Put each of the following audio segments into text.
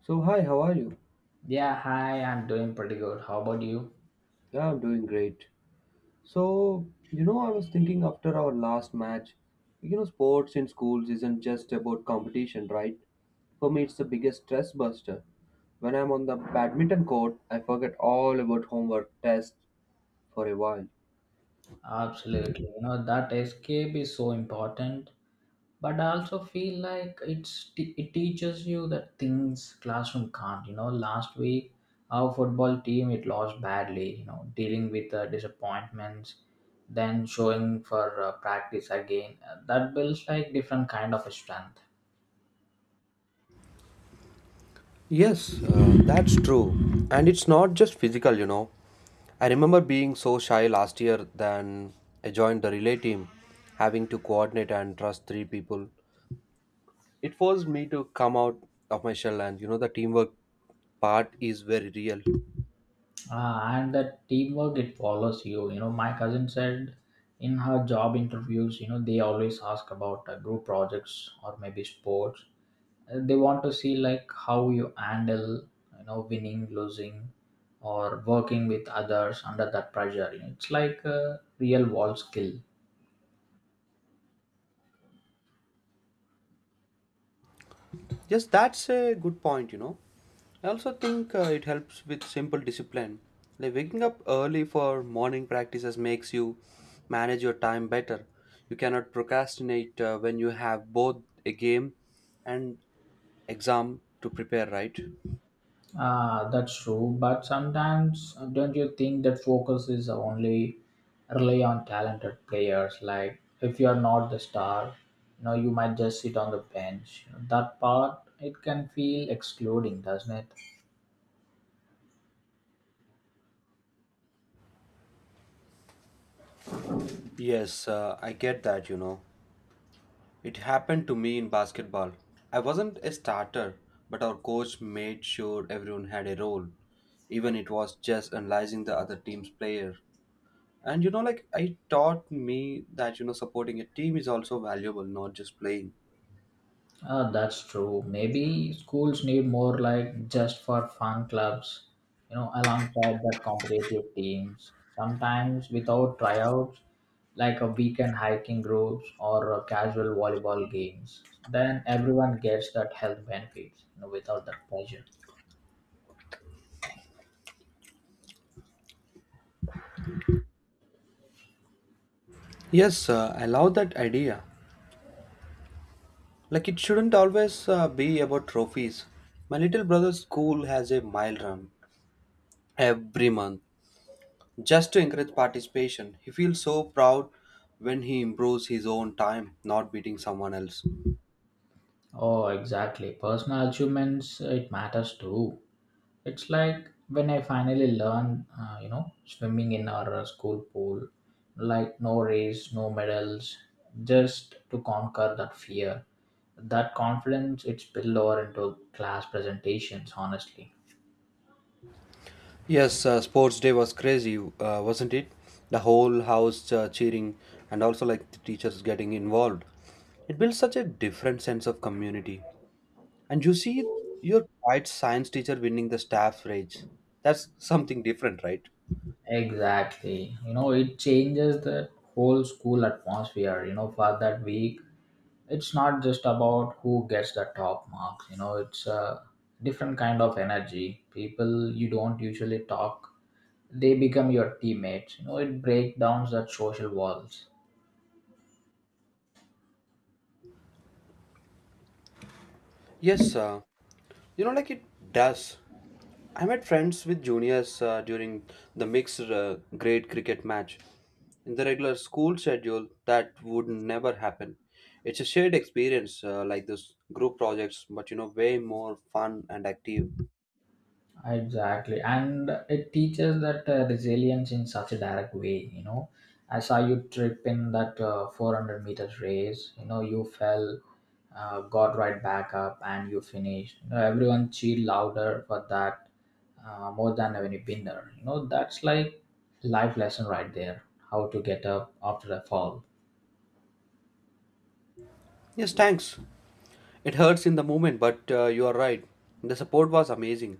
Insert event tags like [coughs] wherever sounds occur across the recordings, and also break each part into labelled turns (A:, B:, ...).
A: So, hi, how are you?
B: Yeah, hi, I'm doing pretty good. How about you?
A: Yeah, I'm doing great. So, you know, I was thinking after our last match, you know, sports in schools isn't just about competition, right? For me, it's the biggest stress buster. When I'm on the badminton court, I forget all about homework, tests for a while.
B: Absolutely. You know, that escape is so important, but I also feel like it teaches you that things classroom can't. You know, last week our football team it lost badly, you know, dealing with disappointments, then showing for practice again. That builds like different kind of strength.
A: Yes, that's true. And it's not just physical, you know. I remember being so shy last year, then I joined the relay team, having to coordinate and trust three people. It forced me to come out of my shell, and you know, the teamwork part is very real.
B: And that teamwork it follows you. You know, my cousin said in her job interviews, you know, they always ask about group projects or maybe sports. They want to see like how you handle, you know, winning, losing, or working with others under that pressure. You know, it's like a real world skill.
A: Yes, that's a good point. You know, I also think it helps with simple discipline. Like waking up early for morning practices makes you manage your time better. You cannot procrastinate when you have both a game and exam to prepare, right?
B: Ah, that's true. But sometimes, don't you think that focus is only rely on talented players? Like, if you are not the star, you know, you might just sit on the bench. That part it can feel excluding, doesn't it?
A: Yes, I get that, you know. It happened to me in basketball. I wasn't a starter, but our coach made sure everyone had a role, even it was just analyzing the other team's player. And you know, like it taught me that, you know, supporting a team is also valuable, not just playing.
B: Ah, that's true. Maybe schools need more like just for fun clubs, you know, alongside that competitive teams. Sometimes without tryouts, like a weekend hiking groups or casual volleyball games. Then everyone gets that health benefits, you know, without that pressure.
A: Yes, I love that idea. Like it shouldn't always be about trophies. My little brother's school has a mile run every month. Just to encourage participation, he feels so proud when he improves his own time, not beating someone else.
B: Oh, exactly. Personal achievements, it matters too. It's like when I finally learned, you know, swimming in our school pool, like no race, no medals, just to conquer that fear. That confidence, it spilled over into class presentations, honestly.
A: Yes, sports day was crazy, wasn't it? The whole house cheering, and also like the teachers getting involved. It builds such a different sense of community. And you see your quiet science teacher winning the staff rage. That's something different, right?
B: Exactly. You know, it changes the whole school atmosphere. You know, for that week, it's not just about who gets the top marks. You know, it's a different kind of energy. People you don't usually talk, they become your teammates, you know, it breaks down that social walls.
A: Yes, you know, like it does. I met friends with juniors during the mixed grade cricket match. In the regular school schedule, that would never happen. It's a shared experience, like this group projects, but you know, way more fun and active.
B: Exactly, and it teaches that resilience in such a direct way. You know, I saw you trip in that 400 meters race. You know, you fell, got right back up, and you finished. You know, everyone cheered louder for that, more than any winner. You know, that's like life lesson right there, how to get up after a fall.
A: Yes, thanks. It hurts in the moment, but you are right. The support was amazing.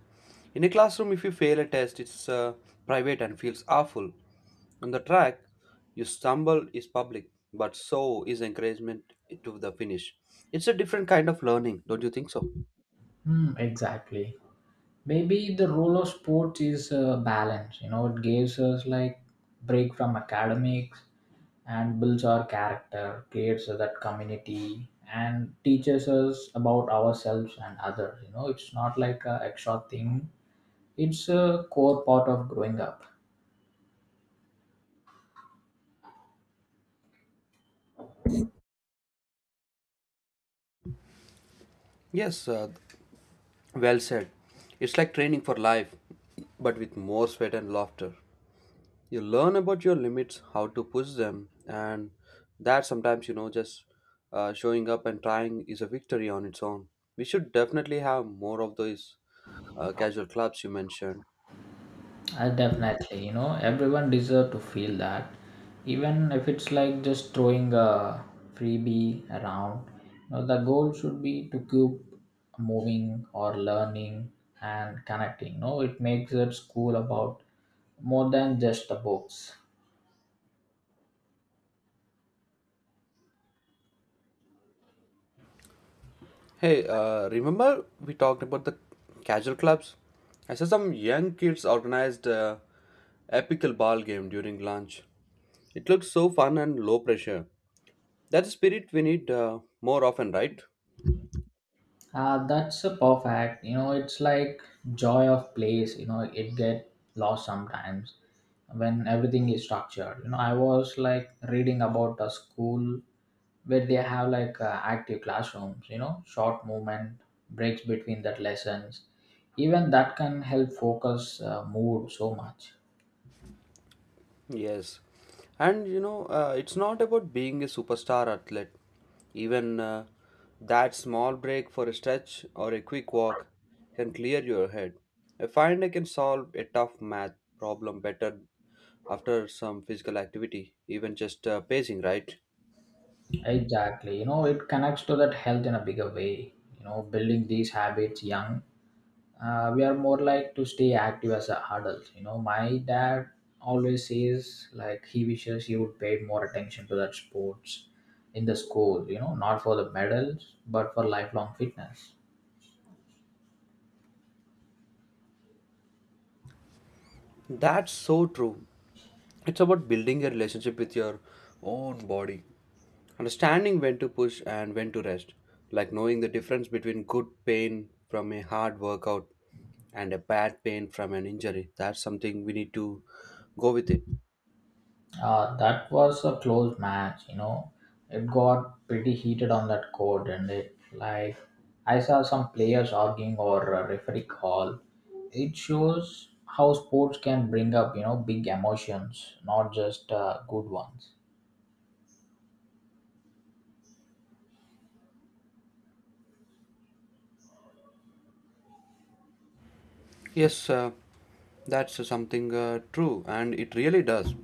A: In a classroom, if you fail a test, it's private and feels awful. On the track, you stumble is public, but so is encouragement to the finish. It's a different kind of learning, don't you think so?
B: Hmm, exactly. Maybe the role of sports is balance. You know, it gives us like break from academics and builds our character, creates that community, and teaches us about ourselves and others. You know, it's not like a extra thing, it's a core part of growing up.
A: Yes, well said. It's like training for life, but with more sweat and laughter. You learn about your limits, how to push them, and that sometimes, you know, just showing up and trying is a victory on its own. We should definitely have more of those casual clubs you mentioned.
B: I definitely, you know, everyone deserve to feel that, even if it's like just throwing a freebie around. You know, the goal should be to keep moving or learning and connecting. You know, it makes it school about more than just the books.
A: Hey, remember we talked about the casual clubs? I saw some young kids organized a epical ball game during lunch. It looks so fun and low pressure. That's the spirit we need, more often, right?
B: That's a perfect. You know, it's like joy of place. You know, it get lost sometimes when everything is structured. You know, I was like reading about a school where they have like active classrooms. You know, short movement breaks between that lessons, even that can help focus mood so much.
A: Yes, and you know, it's not about being a superstar athlete. Even that small break for a stretch or a quick walk can clear your head. I find I can solve a tough math problem better after some physical activity, even just pacing, right?
B: Exactly, you know, it connects to that health in a bigger way. You know, building these habits young, we are more like to stay active as a adult. You know, my dad always says like he wishes he would pay more attention to that sports in the school, you know, not for the medals but for lifelong fitness.
A: That's so true. It's about building a relationship with your own body. Understanding when to push and when to rest, like knowing the difference between good pain from a hard workout and a bad pain from an injury, that's something we need to go with it.
B: That was a close match, you know. It got pretty heated on that court, and it like I saw some players arguing or a referee call. It shows how sports can bring up, you know, big emotions, not just good ones.
A: Yes, that's something true, and it really does.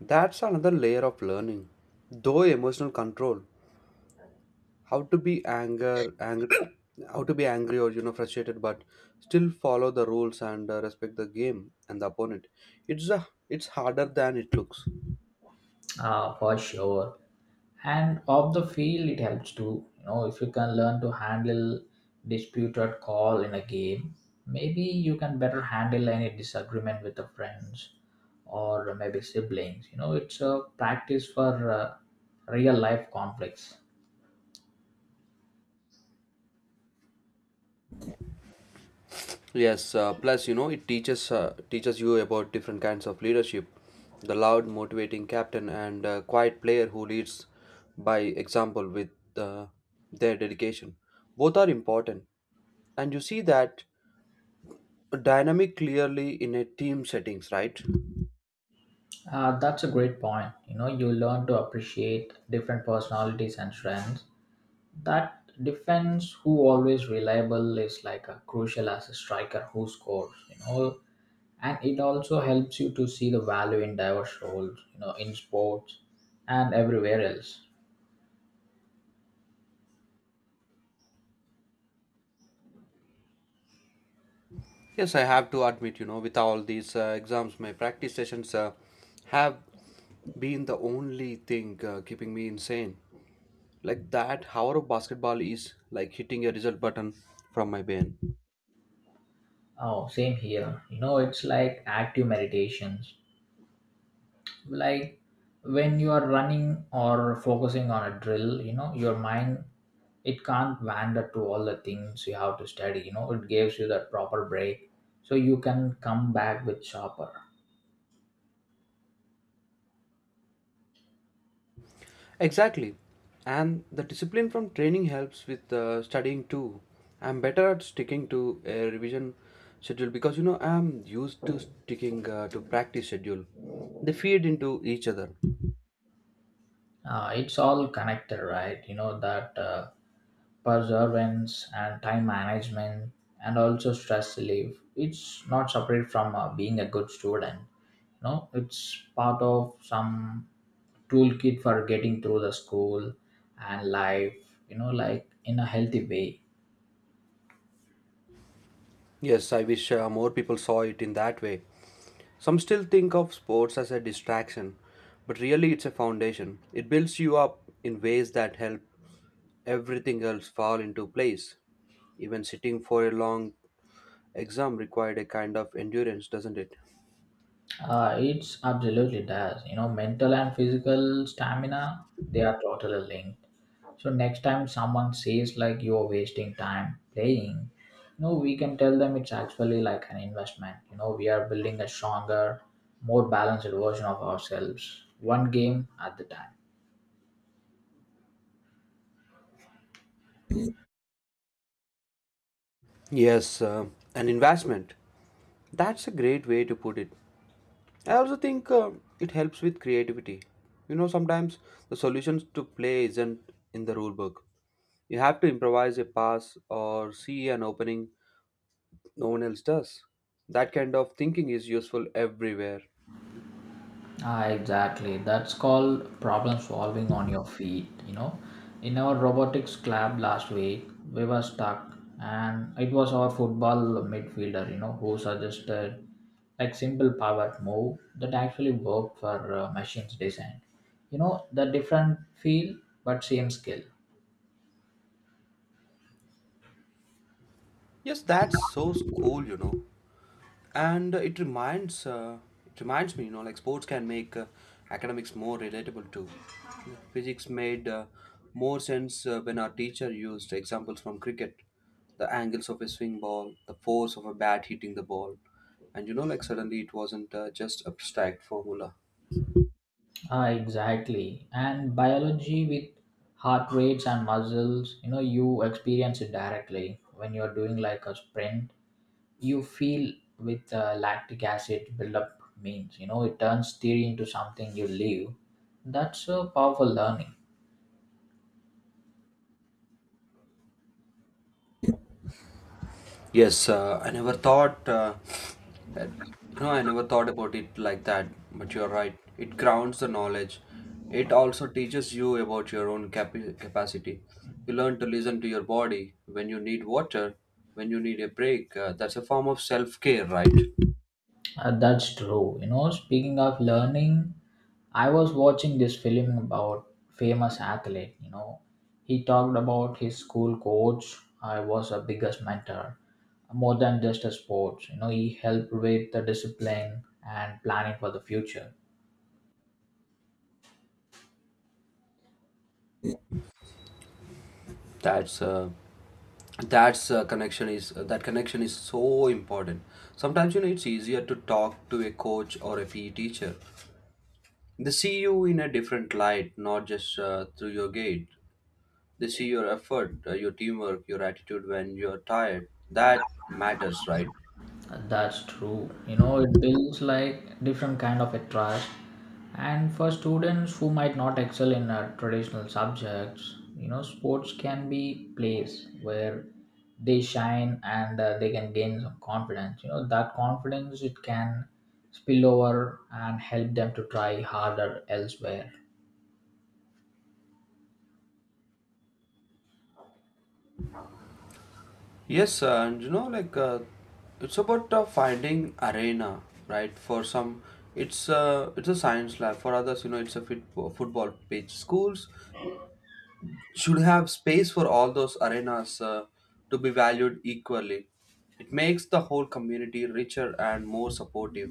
A: That's another layer of learning, though emotional control, how to be anger, angry, [coughs] how to be angry, or you know, frustrated, but still follow the rules and respect the game and the opponent. It's harder than it looks.
B: For sure. And off the field it helps too. You know, if you can learn to handle disputed call in a game, maybe you can better handle any disagreement with the friends or maybe siblings. You know, it's a practice for real life conflicts.
A: Yes, plus you know, it teaches teaches you about different kinds of leadership, the loud, motivating captain, and quiet player who leads by example with uh, their dedication. Both are important, and you see that dynamic clearly in a team settings, right?
B: That's a great point. You know, you learn to appreciate different personalities and strengths. That defense who always reliable is like a crucial as a striker who scores, you know, and it also helps you to see the value in diverse roles, you know, in sports and everywhere else.
A: Yes, I have to admit, you know, with all these exams, my practice sessions have been the only thing keeping me insane. Like that hour of basketball is like hitting a result button from my brain.
B: Oh, same here. You know, it's like active meditations, like when you are running or focusing on a drill, you know, your mind it can't wander to all the things you have to study. You know, it gives you that proper break so you can come back with sharper.
A: Exactly, and the discipline from training helps with studying too. I'm better at sticking to a revision schedule, because you know, I'm used to sticking to practice schedule. They feed into each other.
B: It's all connected, right? You know, that perseverance and time management and also stress relief, it's not separate from being a good student. You know, it's part of some toolkit for getting through the school and life, you know, like in a healthy way.
A: Yes, I wish more people saw it in that way. Some still think of sports as a distraction, but really it's a foundation. It builds you up in ways that help everything else fall into place. Even sitting for a long exam required a kind of endurance, doesn't it?
B: It's absolutely does. You know, mental and physical stamina, they are totally linked. So next time someone says like you're wasting time playing, you know, we can tell them it's actually like an investment. You know, we are building a stronger, more balanced version of ourselves, one game at the time.
A: Yes, an investment. That's a great way to put it. I also think it helps with creativity. You know, sometimes the solutions to play isn't in the rule book. You have to improvise a pass or see an opening no one else does. That kind of thinking is useful everywhere.
B: Ah, exactly. That's called problem solving on your feet. You know, in our robotics club last week, we were stuck, and it was our football midfielder, you know, who suggested like simple power move that actually worked for machines design. You know, the different field but same skill.
A: Yes, that's so cool, you know. And it reminds me, you know, like sports can make academics more relatable too. Physics made more sense when our teacher used examples from cricket, the angles of a swing ball, the force of a bat hitting the ball, and you know, like suddenly it wasn't just abstract formula.
B: Ah, exactly. And biology with heart rates and muscles, you know, you experience it directly when you're doing like a sprint. You feel with lactic acid buildup means, you know, it turns theory into something you live. That's a powerful learning.
A: Yes, I never thought that, you know, I never thought about it like that, but you're right. It grounds the knowledge. It also teaches you about your own capi capacity. You learn to listen to your body, when you need water, when you need a break. That's a form of self-care, right?
B: That's true. You know, speaking of learning, I was watching this film about famous athlete. You know, he talked about his school coach, I was a biggest mentor more than just a sports. You know, he helped with the discipline and planning for the future.
A: That's uh, that's connection is that connection is so important. Sometimes, you know, it's easier to talk to a coach or a PE teacher. They see you in a different light, not just through your gate. They see your effort, your teamwork, your attitude when you're tired. That matters, right?
B: That's true. You know, it builds like different kind of a trust. And for students who might not excel in traditional subjects, you know, sports can be place where they shine and they can gain some confidence. You know, that confidence it can spill over and help them to try harder elsewhere.
A: Yes, and you know, like it's about finding arena, right? For some, it's a science lab. For others, you know, it's a football pitch. Schools should have space for all those arenas to be valued equally. It makes the whole community richer and more supportive.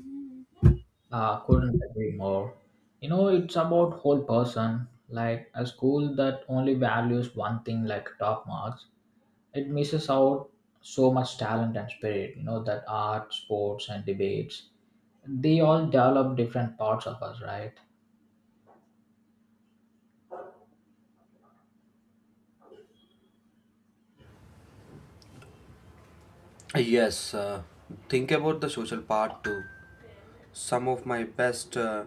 B: Couldn't agree more. You know, it's about whole person. Like a school that only values one thing, like top marks, it misses out so much talent and spirit. You know, that art sports and debates, they all develop different parts of us, right?
A: Yes, think about the social part too. Some of my best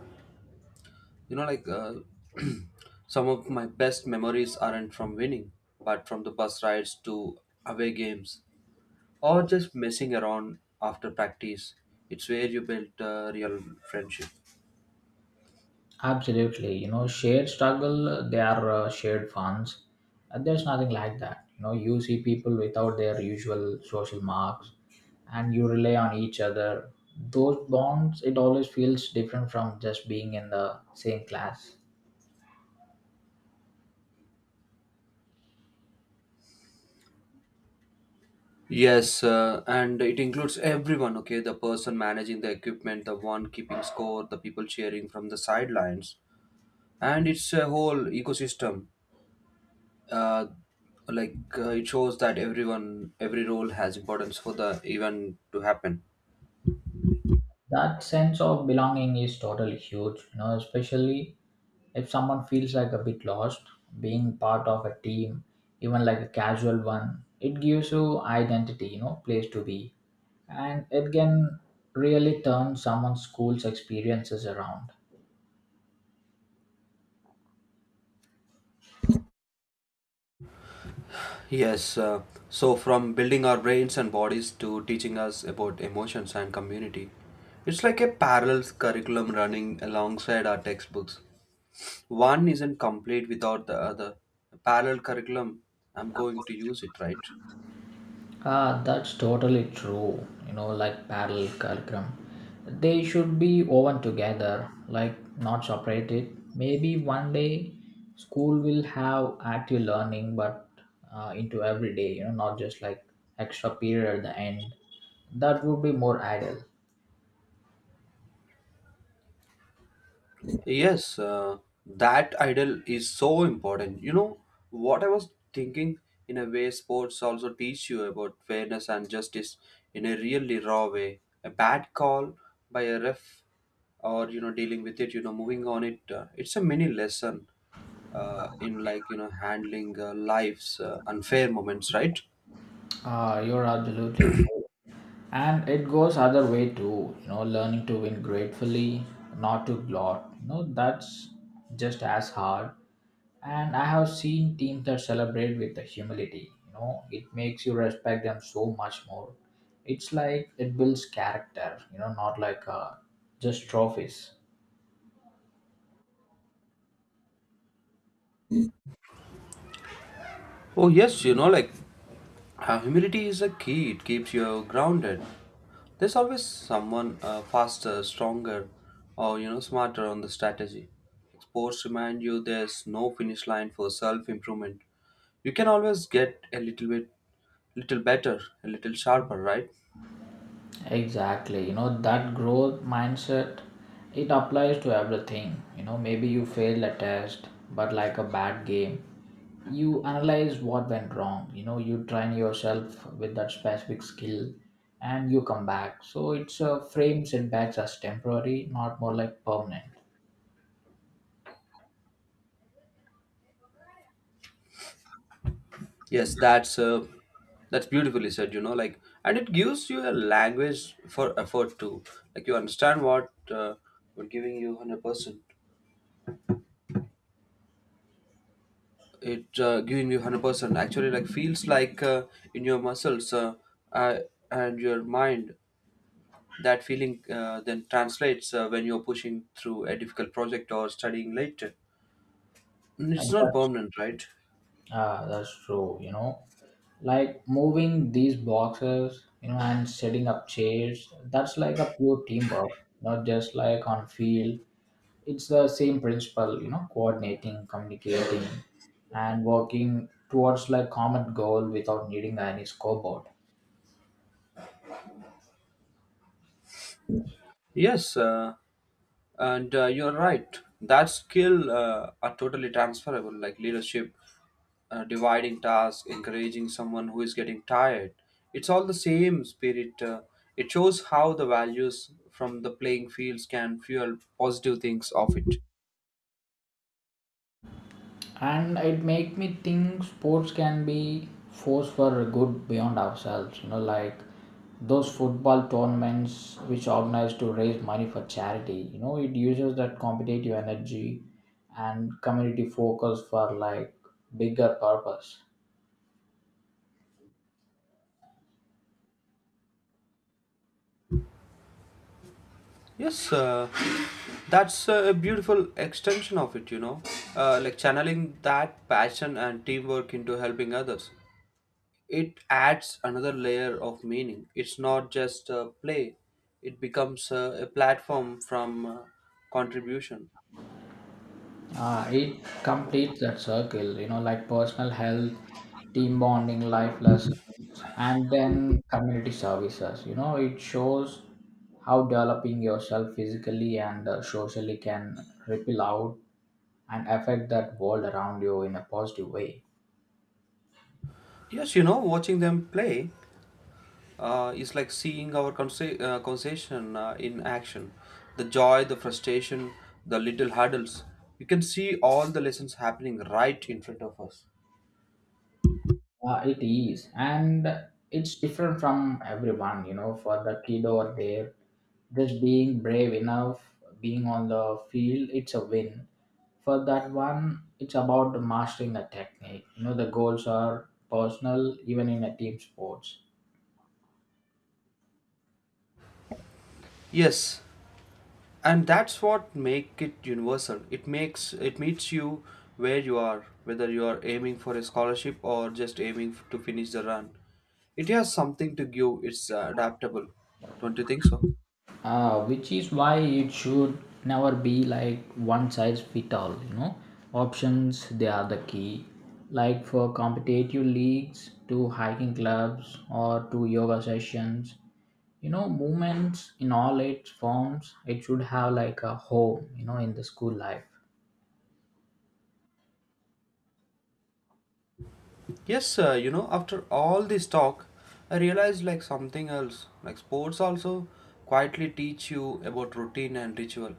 A: you know, like [clears throat] some of my best memories aren't from winning, but from the bus rides to away games, or just messing around after practice. It's where you build real friendship.
B: Absolutely, you know, shared struggle, they are shared funds. There's nothing like that. You know, you see people without their usual social marks and you rely on each other. Those bonds it always feels different from just being in the same class.
A: Yes, and it includes everyone, okay? The person managing the equipment, the one keeping score, the people cheering from the sidelines. And it's a whole ecosystem. Uh, it shows that everyone, every role has importance for the event to happen.
B: That sense of belonging is totally huge. You know, especially if someone feels like a bit lost, being part of a team, even like a casual one, it gives you identity, you know, place to be. And it can really turn someone's school's experiences around.
A: Yes, so from building our brains and bodies to teaching us about emotions and community, it's like a parallel curriculum running alongside our textbooks. One isn't complete without the other. Parallel curriculum, I'm going to use it, right?
B: Ah, that's totally true. You know, like parallel curriculum. They should be woven together, like not separated. Maybe one day school will have active learning, but into every day, you know, not just like extra period at the end. That would be more ideal.
A: Yes, that idol is so important. You know what I was thinking? In a way, sports also teach you about fairness and justice in a really raw way. A bad call by a ref, or you know, dealing with it, you know, moving on it. It's a mini lesson in, like, you know, handling life's unfair moments, right?
B: Ah, you're absolutely true. And it goes other way too, you know, learning to win gratefully, not to gloat. You know, that's just as hard, and I have seen teams that celebrate with the humility. You know, it makes you respect them so much more. It's like it builds character, you know, not like just trophies.
A: Oh, yes, you know, like humility is a key, it keeps you grounded. There's always someone faster, stronger, or you know, smarter on the strategy. Sports remind you there's no finish line for self improvement. You can always get a little better, a little sharper, right?
B: Exactly. You know, that growth mindset, it applies to everything. You know, maybe you failed a test, but like a bad game, you analyze what went wrong. You know, you train yourself with that specific skill and you come back. So it's a frame setbacks as temporary, not more like permanent.
A: Yes, that's beautifully said. You know, like, and it gives you a language for effort too. Like you understand what we're giving you 100%. It giving you 100% actually like feels like in your muscles, uh, and your mind, that feeling then translates when you're pushing through a difficult project or studying later. And
B: And
A: it's not
B: that's,
A: permanent, right?
B: ah, that's true. You know, like moving these boxes, you know, and setting up chairs, that's like a pure teamwork, not just like on field. It's the same principle, you know, coordinating, communicating, and working towards like common goal without needing any scoreboard.
A: Yes, and you're right, that skill are totally transferable, like leadership, dividing tasks, encouraging someone who is getting tired. It's all the same spirit. It shows how the values from the playing fields can fuel positive things of it.
B: And it make me think sports can be force for good beyond ourselves. You know, like those football tournaments which organize to raise money for charity, you know, it uses that competitive energy and community focus for like bigger purpose.
A: Yes, that's a beautiful extension of it, you know, like channeling that passion and teamwork into helping others. It adds another layer of meaning. It's not just play, it becomes a platform from contribution.
B: It completes that circle, you know, like personal health, team bonding, life lessons, and then community services. You know, it shows how developing yourself physically and socially can ripple out and affect that world around you in a positive way.
A: Yes, you know, watching them play is like seeing our conversation in action, the joy, the frustration, the little hurdles. You can see all the lessons happening right in front of us.
B: It is, and it's different from everyone, you know. For the kid over there, just being brave enough, being on the field, it's a win. For that one, it's about mastering a technique. You know, the goals are personal, even in a team sports.
A: Yes, and that's what make it universal. It makes it meets you where you are, whether you are aiming for a scholarship or just to finish the run. It has something to give. It's adaptable, don't you think so?
B: Which is why it should never be like one size fit all, you know. Options, they are the key, like for competitive leagues to hiking clubs or to yoga sessions. You know, movements in all its forms, it should have like a home, you know, in the school life.
A: Yes, sir. You know, after all this talk, I realized like something else. Like sports also quietly teach you about routine and ritual.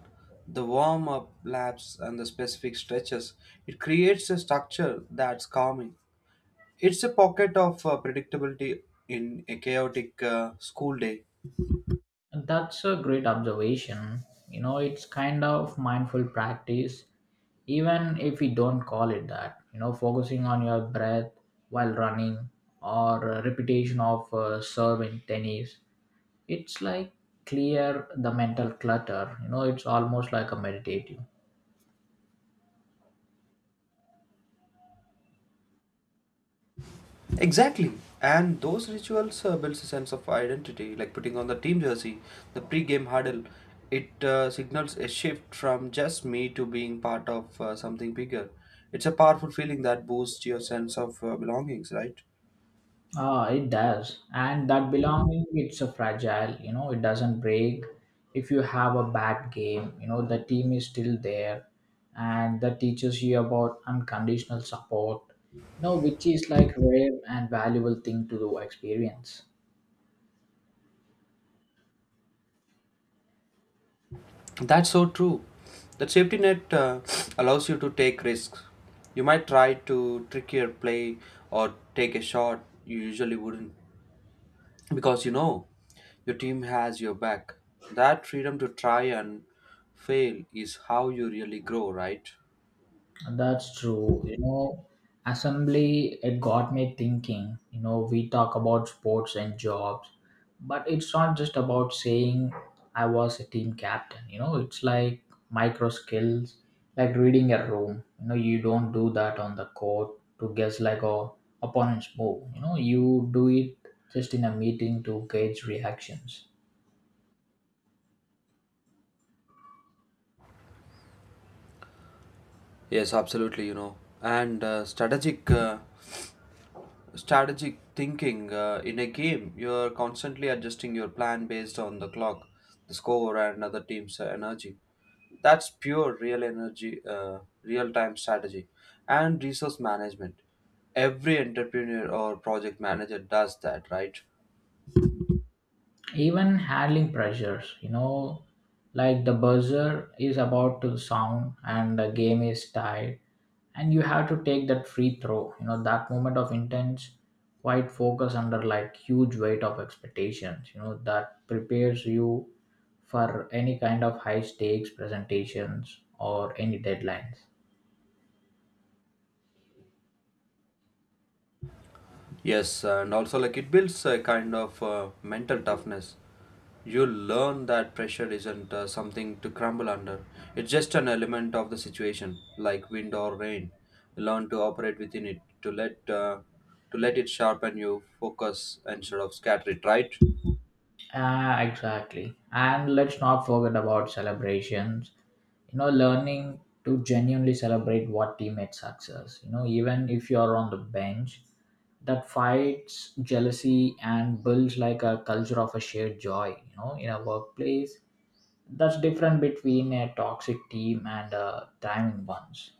A: The warm up laps and the specific stretches, it creates a structure that's calming. It's a pocket of predictability in a chaotic school day.
B: And that's a great observation. You know, it's kind of mindful practice, even if we don't call it that. You know, focusing on your breath while running or repetition of serve in tennis, it's like clear the mental clutter. You know, it's almost like a meditative.
A: Exactly. And those rituals builds a sense of identity, like putting on the team jersey, the pre-game huddle. It signals a shift from just me to being part of something bigger. It's a powerful feeling that boosts your sense of belongings, right?
B: Ah, it does, and that belonging, it's a fragile, you know, it doesn't break. If you have a bad game, you know, the team is still there, and that teaches you about unconditional support, you know, which is like rare and valuable thing to do experience.
A: That's so true. That safety net allows you to take risks. You might try to trick your play or take a shot you usually wouldn't, because you know your team has your back. That freedom to try and fail is how you really grow, right?
B: That's true. You know, assembly, it got me thinking. You know, we talk about sports and jobs, but it's not just about saying I was a team captain. You know, it's like micro skills, like reading a room. You know, you don't do that on the court to guess like a opponent's move. You know, you do it just in a meeting to gauge reactions.
A: Yes, absolutely. You know, and strategic thinking in a game, you're constantly adjusting your plan based on the clock, the score, and other team's energy. That's real-time strategy, and resource management. Every entrepreneur or project manager does that, right?
B: Even handling pressures, you know, like the buzzer is about to sound and the game is tied, and you have to take that free throw. You know, that moment of intense quite focus under like huge weight of expectations, you know, that prepares you for any kind of high stakes presentations or any deadlines.
A: Yes, and also like it builds a kind of mental toughness. You learn that pressure isn't something to crumble under. It's just an element of the situation, like wind or rain. You learn to operate within it, to let it sharpen you, focus instead of scatter it. Right?
B: Ah, exactly. And let's not forget about celebrations. You know, learning to genuinely celebrate what teammates' success. You know, even if you're on the bench, that fights jealousy and builds like a culture of a shared joy. You know, in a workplace, that's different between a toxic team and a thriving ones.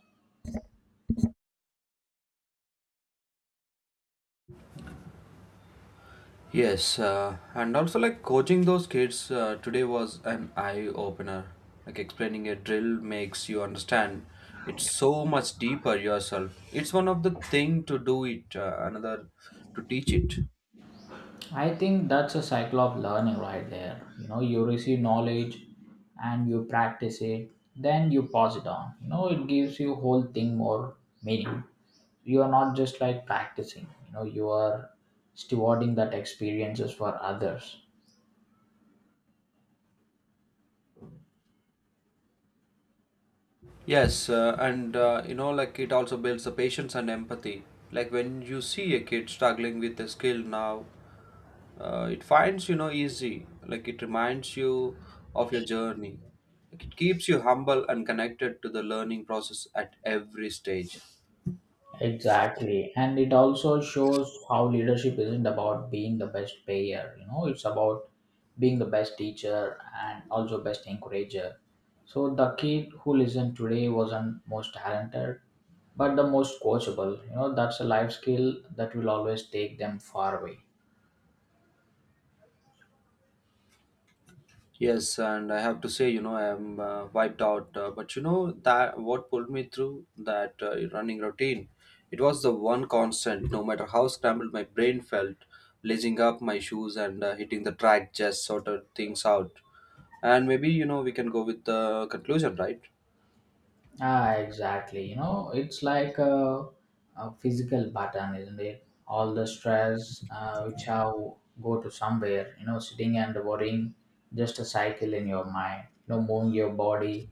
A: Yes, and also like coaching those kids today was an eye opener. Like explaining a drill makes you understand it's so much deeper yourself. It's one of the thing to do it, another to teach it.
B: I think that's a cycle of learning right there. You know, you receive knowledge and you practice it, then you pass it on. You know, it gives you whole thing more meaning. You are not just like practicing, you know, you are stewarding that experiences for others.
A: Yes, and you know like it also builds the patience and empathy. Like when you see a kid struggling with a skill now, it finds you know easy, like it reminds you of your journey, like it keeps you humble and connected to the learning process at every stage.
B: Exactly. And it also shows how leadership isn't about being the best payer, you know, it's about being the best teacher and also best encourager. So the kid who listened today wasn't most talented, but the most coachable. You know, that's a life skill that will always take them far away.
A: Yes, and I have to say, you know, I'm wiped out, but you know that what pulled me through that running routine, it was the one constant. No matter how scrambled my brain felt, lacing up my shoes and hitting the track just sorted things out. And maybe, you know, we can go with the conclusion, right?
B: Ah, exactly. You know, it's like a physical button, isn't it? All the stress which how go to somewhere. You know, sitting and worrying, just a cycle in your mind. You know, moving your body,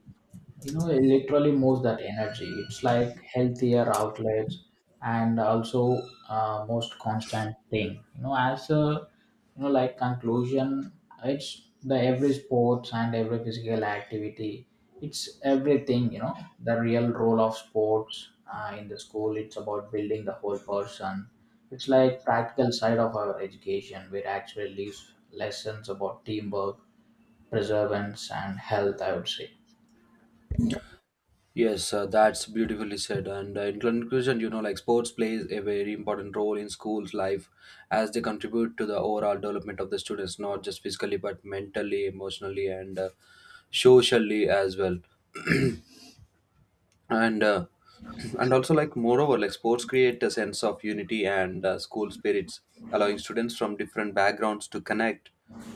B: you know it literally moves that energy, it's like healthier outlets, and also most constant thing, you know, as a, you know, like conclusion, it's the every sports and every physical activity, it's everything, you know, the real role of sports in the school, it's about building the whole person. It's like practical side of our education where actually leaves lessons about teamwork, perseverance and health, I would say.
A: Yes, that's beautifully said. And in conclusion, you know, like sports plays a very important role in schools' life as they contribute to the overall development of the students, not just physically but mentally, emotionally, and socially as well. And [clears throat] and also like moreover like sports create a sense of unity and school spirits, allowing students from different backgrounds to connect,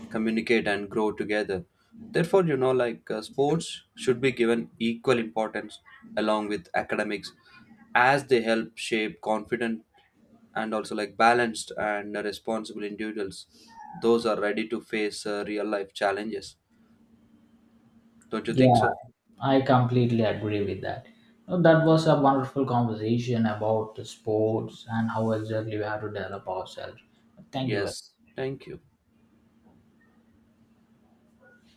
A: communicate and grow together. Therefore, you know like sports should be given equal importance along with academics, as they help shape confident and also like balanced and responsible individuals those are ready to face real life challenges. Don't you think
B: Yeah,
A: so?
B: I completely agree with that. No, that was a wonderful conversation about the sports and how exactly we have to develop ourselves. Thank you very
A: Yes, thank you.